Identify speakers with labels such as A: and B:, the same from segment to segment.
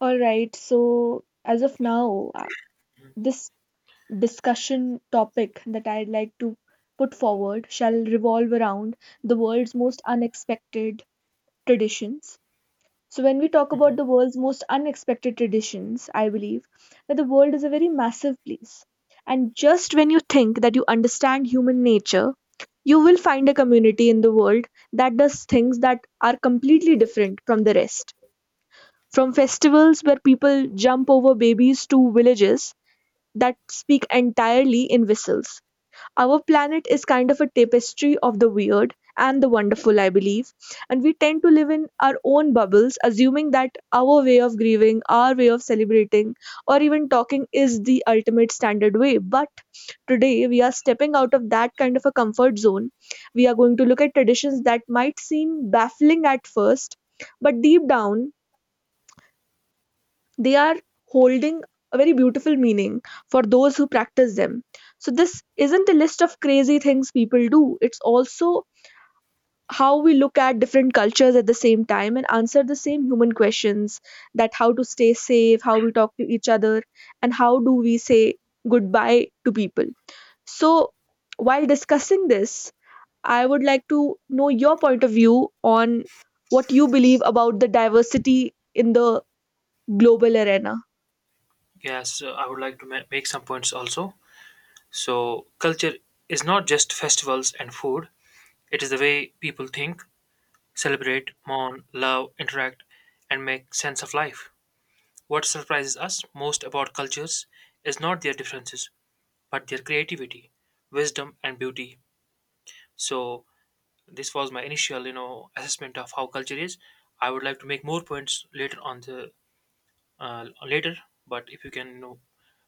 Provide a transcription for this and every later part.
A: All right, so as of now, this discussion topic that I'd like to put forward shall revolve around the world's most unexpected traditions. So, when we talk about the world's most unexpected traditions, I believe that the world is a very massive place. And just when you think that you understand human nature, you will find a community in the world that does things that are completely different from the rest, from festivals where people jump over babies to villages that speak entirely in whistles. Our planet is kind of a tapestry of the weird and the wonderful, I believe. And we tend to live in our own bubbles, assuming that our way of grieving, our way of celebrating, or even talking is the ultimate standard way. But today, we are stepping out of that kind of a comfort zone. We are going to look at traditions that might seem baffling at first, but deep down, they are holding a very beautiful meaning for those who practice them. So, this isn't a list of crazy things people do, it's also how we look at different cultures at the same time and answer the same human questions: that how to stay safe, how we talk to each other, and how do we say goodbye to people. So, while discussing this, I would like to know your point of view on what you believe about the diversity in the global arena.
B: Yes, I would like to make some points also. So, culture is not just festivals and food, it is the way people think, celebrate, mourn, love, interact, and make sense of life. What surprises us most about cultures is not their differences, but their creativity, wisdom, and beauty. So, this was my initial, assessment of how culture is. I would like to make more points later on the later, but if you can,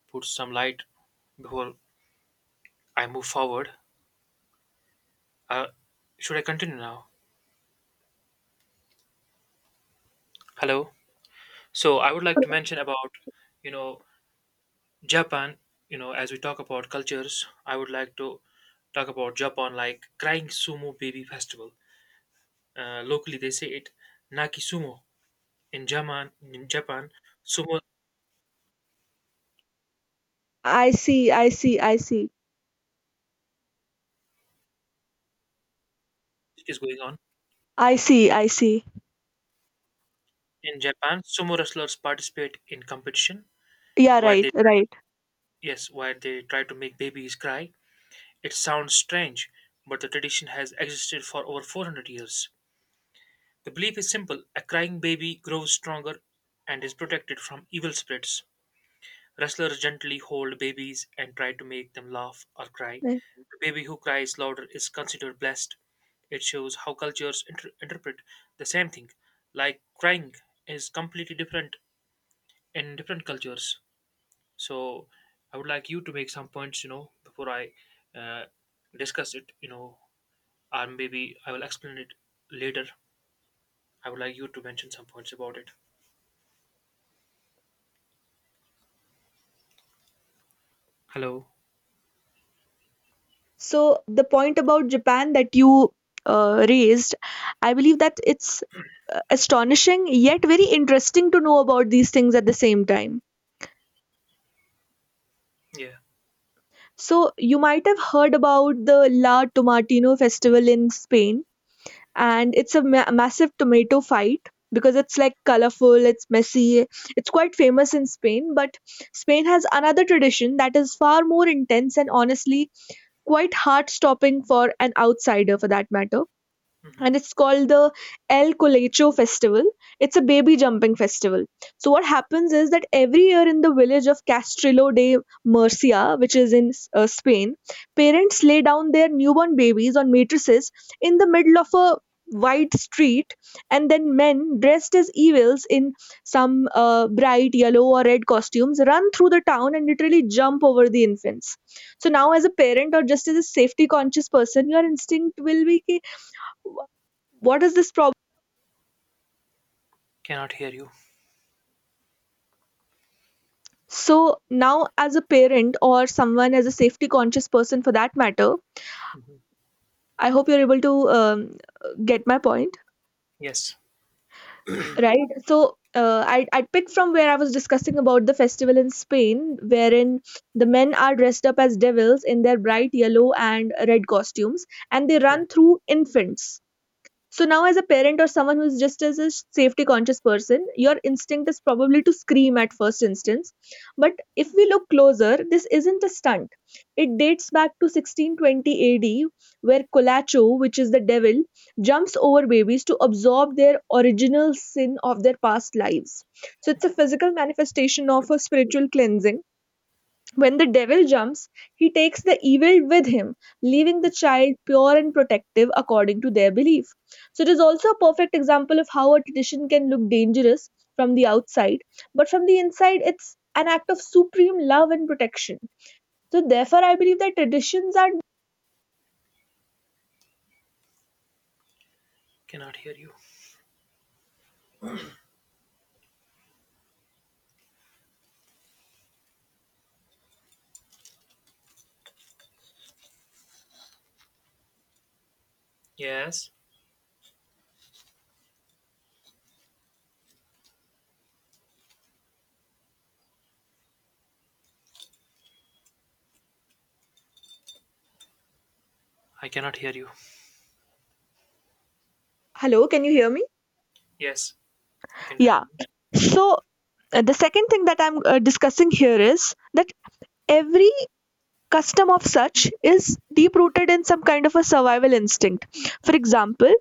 B: put some light before I move forward. Uh, should I continue now? Hello. So I would like to mention about, you know, Japan. You know, as we talk about cultures, I would like to talk about Japan, like crying sumo baby festival. Locally, they say it Naki Sumo. In Japan, sumo
A: I see, I see, I see.
B: is going on.
A: I see, I see.
B: In Japan, sumo wrestlers participate in competition
A: Yeah,
B: where
A: right,
B: they, try-
A: right.
B: yes, where they try to make babies cry. It sounds strange, but the tradition has existed for over 400 years. The belief is simple: a crying baby grows stronger and is protected from evil spirits. Wrestlers gently hold babies and try to make them laugh or cry.
A: Right.
B: The baby who cries louder is considered blessed. It shows how cultures interpret the same thing. Like crying is completely different in different cultures. So, I would like you to make some points, before I uh, discuss it, or maybe I will explain it later. I would like you to mention some points about it. Hello.
A: So the point about Japan that you raised, I believe that it's astonishing yet very interesting to know about these things at the same time.
B: Yeah.
A: So you might have heard about the La Tomatino festival in Spain, and it's a massive tomato fight because it's like colorful, it's messy, it's quite famous in Spain, but Spain has another tradition that is far more intense and, honestly, quite heart stopping for an outsider for that matter.
B: Hmm.
A: And it's called the El Colecho Festival. It's a baby jumping festival. So what happens is that every year in the village of Castrillo de Murcia, which is in Spain, parents lay down their newborn babies on mattresses in the middle of a wide street, and then men dressed as evils in some bright yellow or red costumes run through the town and literally jump over the infants. So now, as a parent or just as a safety conscious person, your instinct will be. Ki, what is this problem?
B: Cannot hear you.
A: So now, as a parent or someone as a safety conscious person for that matter,
B: Hmm.
A: I hope you're able to get my point,
B: Yes.
A: right? So I picked from where I was discussing about the festival in Spain, wherein the men are dressed up as devils in their bright yellow and red costumes, and they run through infants. So now, as a parent or someone who's just as a safety conscious person, your instinct is probably to scream at first instance. But if we look closer, this isn't a stunt. It dates back to 1620 AD, where Colacho, which is the devil, jumps over babies to absorb their original sin of their past lives. So it's a physical manifestation of a spiritual cleansing. When the devil jumps, he takes the evil with him, leaving the child pure and protective according to their belief. So, it is also a perfect example of how a tradition can look dangerous from the outside, but from the inside, it's an act of supreme love and protection. So, therefore, I believe that traditions are.
B: Cannot hear you. Yes. I cannot hear you.
A: Hello, can you hear me?
B: Yes. You can
A: Yeah.
B: continue.
A: So, the second thing that I'm discussing here is that every custom of such is deep rooted in some kind of a survival instinct. For example,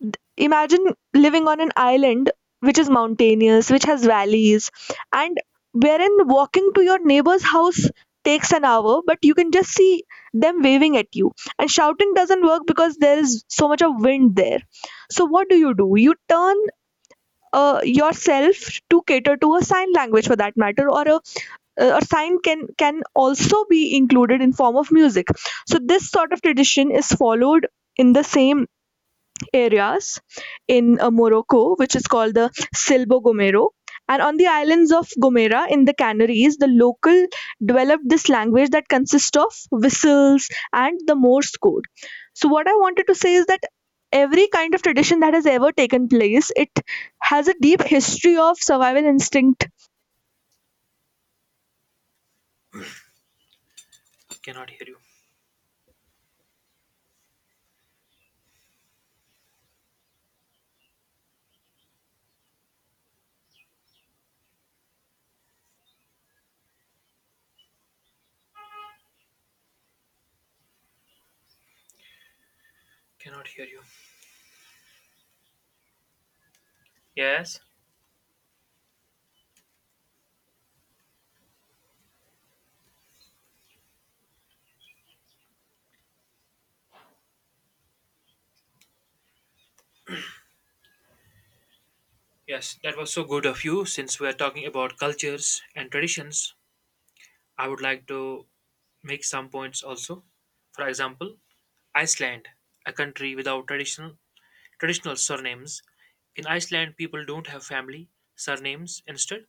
A: Imagine living on an island which is mountainous, which has valleys, and wherein walking to your neighbor's house takes an hour, but you can just see them waving at you. And shouting doesn't work because there is so much of wind there. So, what do? You turn yourself to cater to a sign language for that matter, or a sign can also be included in form of music. So, this sort of tradition is followed in the same areas in Morocco, which is called the Silbo Gomero. And on the islands of Gomera in the Canaries, the local developed this language that consists of whistles and the Morse code. So, what I wanted to say is that every kind of tradition that has ever taken place, it has a deep history of survival instinct.
B: Cannot hear you. Cannot hear you. Yes. Yes. That was so good of you. Since we are talking about cultures and traditions, I would like to make some points also. For example, Iceland, a country without traditional surnames. In Iceland, people don't have family surnames. Instead,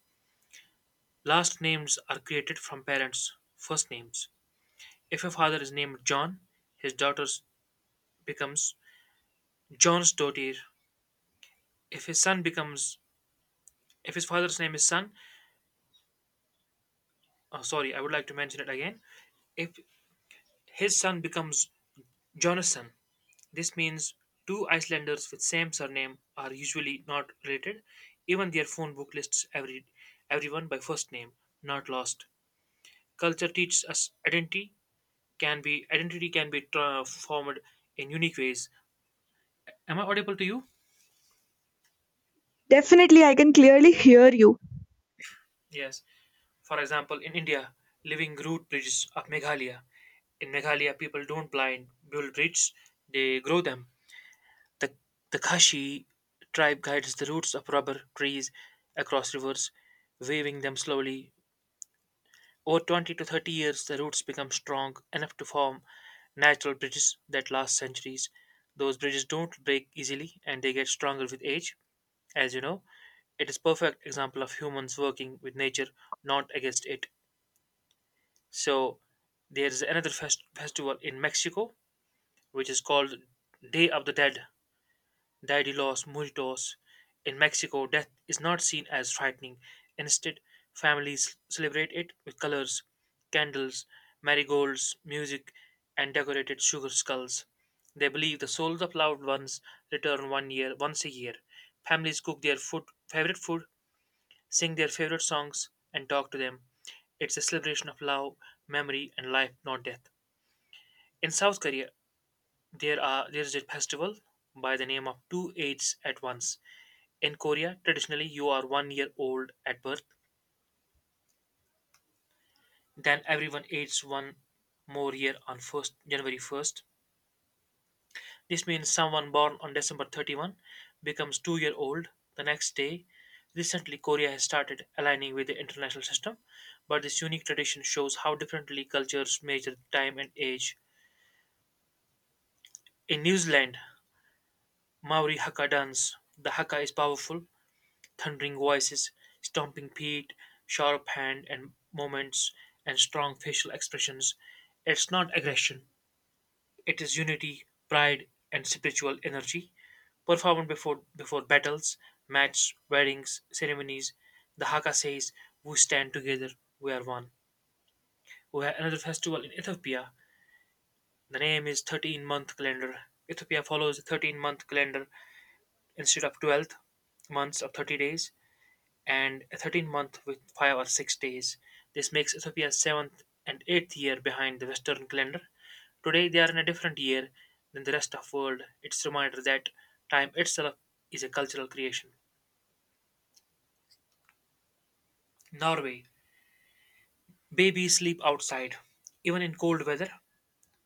B: last names are created from parents' first names. If a father is named John, his daughter becomes John's daughter. If his son becomes, if his father's name is son, oh, sorry, I would like to mention it again. If his son becomes Jonathan, this means two Icelanders with same surname are usually not related. Even their phone book lists everyone by first name, not last. Culture teaches us identity can be formed in unique ways. Am I audible to you?
A: Definitely, I can clearly hear you.
B: Yes. For example, in India, living root bridges of Meghalaya. In Meghalaya, people don't blind build bridges; they grow them. The the Khashi tribe guides the roots of rubber trees across rivers, waving them slowly. Over 20 to 30 years, the roots become strong enough to form natural bridges that last centuries. Those bridges don't break easily, and they get stronger with age. As you know, it is perfect example of humans working with nature, not against it. So there's another festival in Mexico which is called Day of the Dead, Dia de los Muertos. In Mexico, death is not seen as frightening. Instead, families celebrate it with colors, candles, marigolds, music, and decorated sugar skulls. They believe the souls of loved ones return 1 year once a year. Families cook their food, favorite food sing their favorite songs, and talk to them. It's a celebration of love, memory, and life, not death. In South Korea, there is a festival by the name of two aids at once. In Korea, traditionally you are 1 year old at birth, then everyone aids one more year on first January first. This means someone born on December 31 becomes 2 year old the next day. Recently, Korea has started aligning with the international system, but this unique tradition shows how differently cultures measure time and age. In New Zealand, Maori Hakka dance. The Hakka is powerful, thundering voices, stomping feet, sharp hand and movements, and strong facial expressions. It's not aggression, it is unity, pride, and spiritual energy, performed before battles, match, weddings, ceremonies. The Haka says, "We stand together, we are one." We have another festival in Ethiopia. The name is 13-month calendar. Ethiopia follows the 13-month calendar instead of 12 months of 30 days and a 13-month with 5 or 6 days. This makes Ethiopia's 7th and 8th year behind the Western calendar. Today they are in a different year than the rest of world. It's a reminder that time itself is a cultural creation. Norway. Babies sleep outside. Even in cold weather,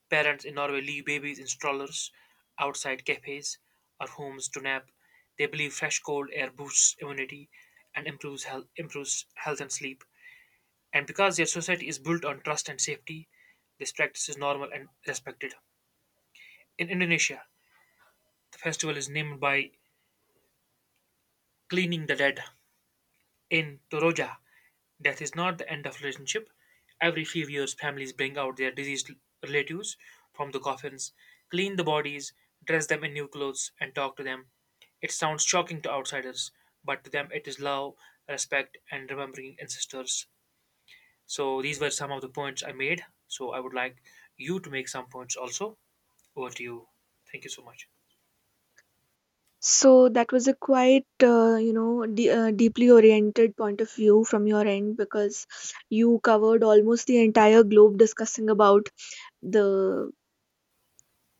B: parents in Norway leave babies in strollers, outside cafes, or homes to nap. They believe fresh cold air boosts immunity and improves health and sleep. And because their society is built on trust and safety, this practice is normal and respected. In Indonesia, the festival is named by cleaning the dead. In Toroja, death is not the end of relationship. Every few years, families bring out their deceased relatives from the coffins, clean the bodies, dress them in new clothes, and talk to them. It sounds shocking to outsiders, but to them it is love, respect, and remembering ancestors. So these were some of the points I made. So I would like you to make some points also. Over to you. Thank you so much.
A: So that was a quite, deeply oriented point of view from your end, because you covered almost the entire globe discussing about the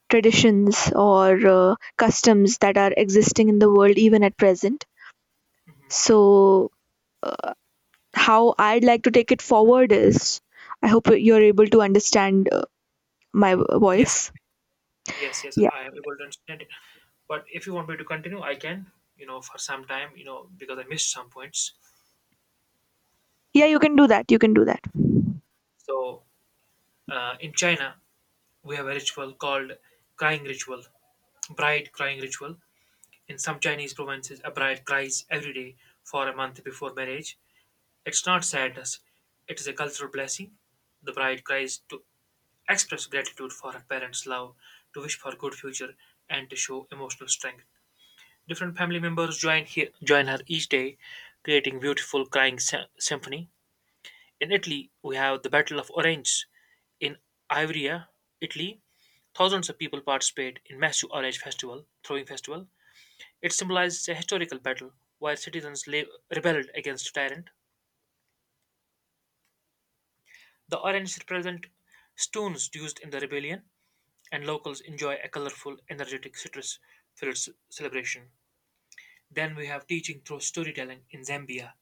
A: traditions or customs that are existing in the world even at present. So, uh, how I'd like to take it forward is I hope you're able to understand my
B: Yes,
A: voice.
B: yes, yes. I am able to understand it. But if you want me to continue, I can. You know, for some time, because I missed some points.
A: Yeah, you can do that. You can do that.
B: So in China, we have a ritual called crying ritual, bride crying ritual. In some Chinese provinces, a bride cries every day for a month before marriage. It's not sadness; it is a cultural blessing. The bride cries to express gratitude for her parent's love, to wish for a good future, and to show emotional strength. Different family members join her each day, creating beautiful crying symphony. In Italy, we have the Battle of Orange. In Ivrea, Italy, thousands of people participate in massive orange festival, throwing festival. It symbolizes a historical battle where citizens rebelled against a tyrant. The orange represent stones used in the rebellion and locals enjoy a colorful, energetic, citrus filled celebration. Then we have teaching through storytelling in Zambia.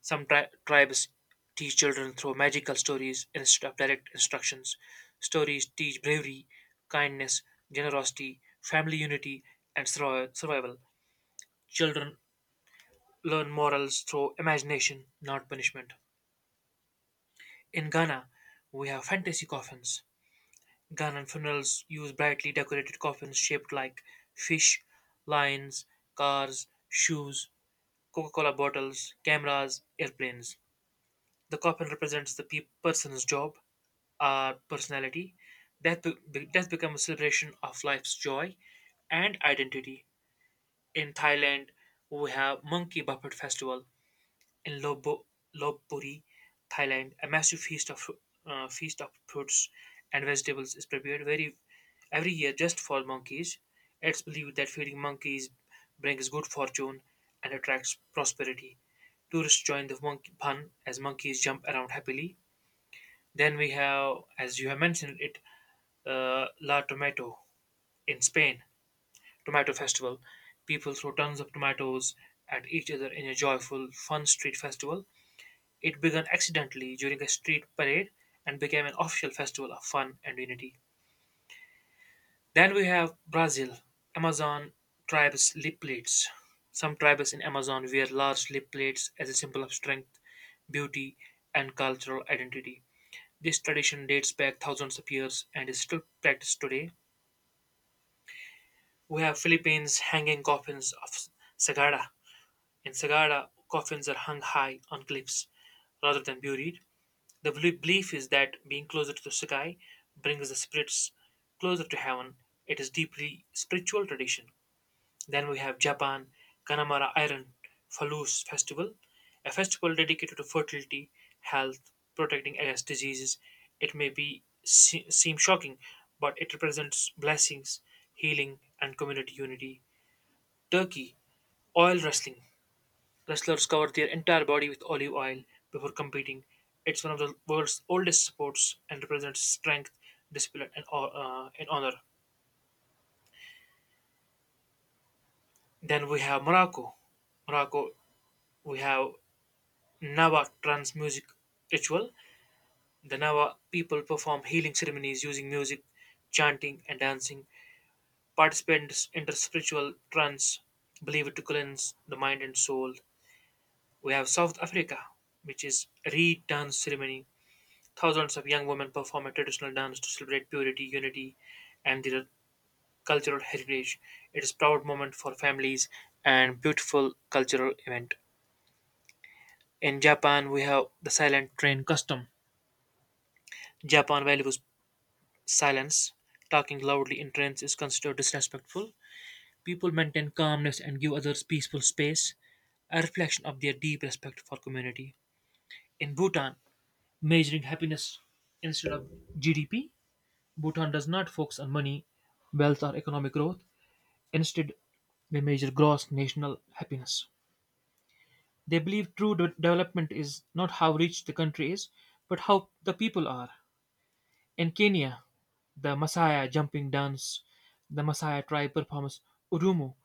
B: Some tribes teach children through magical stories instead of direct instructions. Stories teach bravery, kindness, generosity, family unity, and survival. Children learn morals through imagination, not punishment. In Ghana, we have fantasy coffins. Ghanaian funerals use brightly decorated coffins shaped like fish, lions, cars, shoes, Coca Cola bottles, cameras, airplanes. The coffin represents the person's job, personality. Death becomes a celebration of life's joy and identity. In Thailand, we have Monkey Buffet Festival, in Lopburi, Thailand, a massive feast of fruits and vegetables is prepared very every year just for monkeys. It's believed that feeding monkeys brings good fortune and attracts prosperity. Tourists join the monkey fun as monkeys jump around happily. Then we have, as you have mentioned it, La Tomato in Spain, Tomato Festival. People throw tons of tomatoes at each other in a joyful, fun street festival. It began accidentally during a street parade and became an official festival of fun and unity. Then we have Brazil, Amazon tribes lip plates. Some tribes in Amazon wear large lip plates as a symbol of strength, beauty, and cultural identity. This tradition dates back thousands of years and is still practiced today. We have Philippines hanging coffins of Sagada. In Sagada, coffins are hung high on cliffs rather than buried. The belief is that being closer to the sky brings the spirits closer to heaven. It is deeply spiritual tradition. Then we have Japan, Kanamara Iron Falus Festival, a festival dedicated to fertility, health, protecting against diseases. It may be seem shocking, but it represents blessings, healing, and community unity. Turkey, oil wrestling. Wrestlers cover their entire body with olive oil before competing. It's one of the world's oldest sports and represents strength, discipline, and honor. Then we have Morocco. Morocco, we have Nawa trance music ritual. The Nawa people perform healing ceremonies using music, chanting, and dancing. Participants enter spiritual trance, believed to cleanse the mind and soul. We have South Africa, which is reed dance ceremony. Thousands of young women perform a traditional dance to celebrate purity, unity, and their cultural heritage. It is a proud moment for families and beautiful cultural event. In Japan, we have the silent train custom. Japan values silence. Talking loudly in trains is considered disrespectful. People maintain calmness and give others peaceful space, a reflection of their deep respect for community. In Bhutan, measuring happiness instead of GDP. Bhutan does not focus on money, wealth, or economic growth. Instead, they measure gross national happiness. They believe true development is not how rich the country is, but how the people are. In Kenya, the Masaya jumping dance, the Masaya tribe performs Urumu,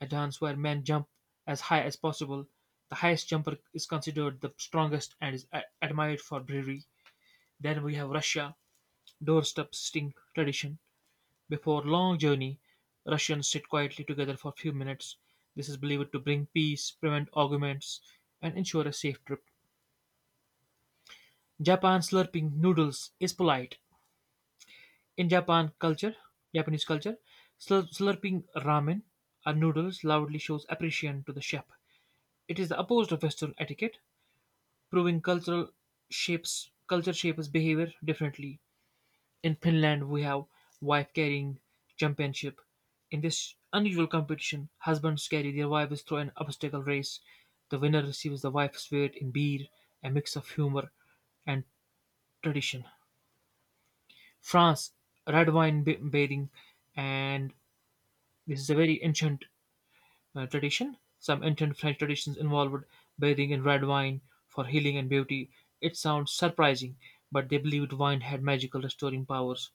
B: a dance where men jump as high as possible. The highest jumper is considered the strongest and is admired for bravery. Then we have Russia, doorstep sting tradition. Before long journey, Russians sit quietly together for a few minutes. This is believed to bring peace, prevent arguments, and ensure a safe trip. Japan slurping noodles is polite. In Japanese culture, slurping ramen or noodles loudly shows appreciation to the chef. It is the opposite of Western etiquette, proving cultural shapes culture shapes behavior differently. In Finland we have Wife Carrying Championship. In this unusual competition, husbands carry their wives through an obstacle race. The winner receives the wife's weight in beer, a mix of humor and tradition. France, red wine bathing, and this is a very ancient tradition. Some ancient French traditions involved bathing in red wine for healing and beauty. It sounds surprising, but they believed wine had magical restoring powers.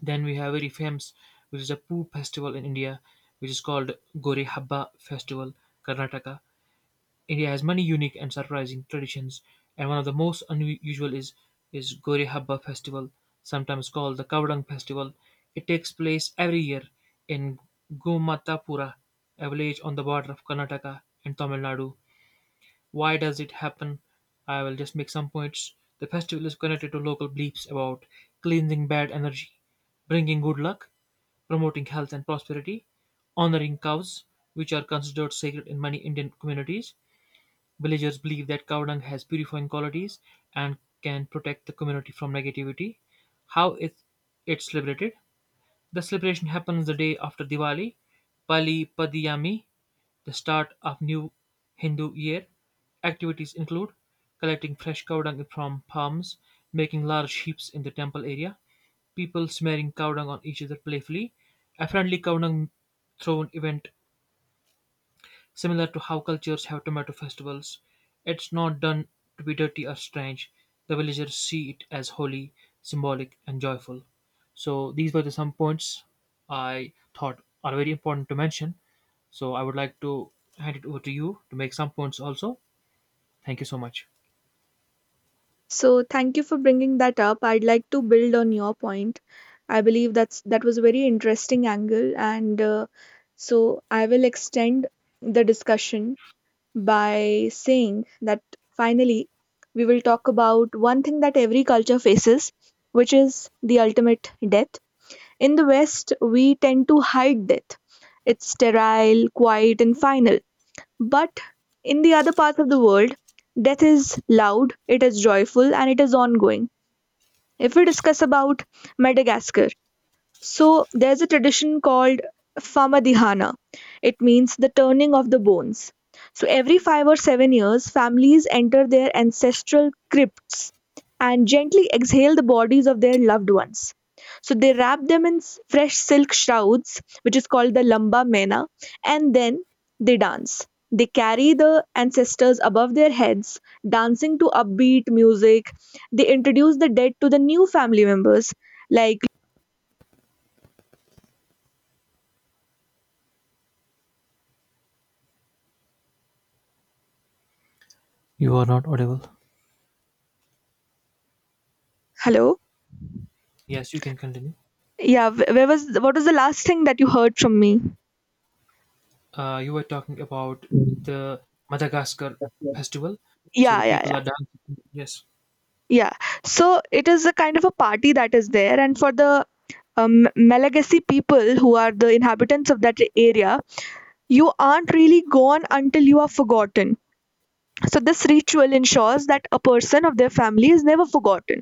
B: Then we have very famous, which is a Poo festival in India, which is called Gore Habba Festival, Karnataka. India has many unique and surprising traditions, and one of the most unusual is Gore Habba Festival, sometimes called the Kavadang Festival. It takes place every year in Gomatapura, a village on the border of Karnataka and Tamil Nadu. Why does it happen? I will just make some points. The festival is connected to local beliefs about cleansing bad energy, bringing good luck, promoting health and prosperity, honoring cows, which are considered sacred in many Indian communities. Villagers believe that cow dung has purifying qualities and can protect the community from negativity. How is it celebrated? The celebration happens the day after Diwali, Pali Padiyami, the start of new Hindu year. Activities include collecting fresh cow dung from palms, making large heaps in the temple area, people smearing cow dung on each other playfully. A friendly cow dung thrown event. Similar to how cultures have tomato festivals, it's not done to be dirty or strange. The villagers see it as holy, symbolic, and joyful. So these were the some points I thought are very important to mention. So I would like to hand it over to you to make some points also. Thank you so much.
A: So thank you for bringing that up. I'd like to build on your point. I believe that was a very interesting angle, and, so I will extend the discussion by saying that finally we will talk about one thing that every culture faces, which is the ultimate death. In the West, we tend to hide death. It's sterile, quiet, and final. But in the other parts of the world, death is loud, it is joyful, and it is ongoing. If we discuss about Madagascar, so there's a tradition called Famadihana. It means the turning of the bones. So every 5 or 7 years, families enter their ancestral crypts and gently exhale the bodies of their loved ones. So they wrap them in fresh silk shrouds, which is called the lamba mena, and then they dance. They carry the ancestors above their heads, dancing to upbeat music. They introduce the dead to the new family members, like
B: You are not audible.
A: hello.
B: Yes, you can continue.
A: Yeah, wh- where was what was the last thing that you heard from me?
B: You were talking about the Madagascar festival. So the
A: Yeah, yeah,
B: people
A: yeah,
B: are dancing. Yes.
A: yeah. So it is a kind of a party that is there, and for the Malagasy people who are the inhabitants of that area, you aren't really gone until you are forgotten. So this ritual ensures that a person of their family is never forgotten.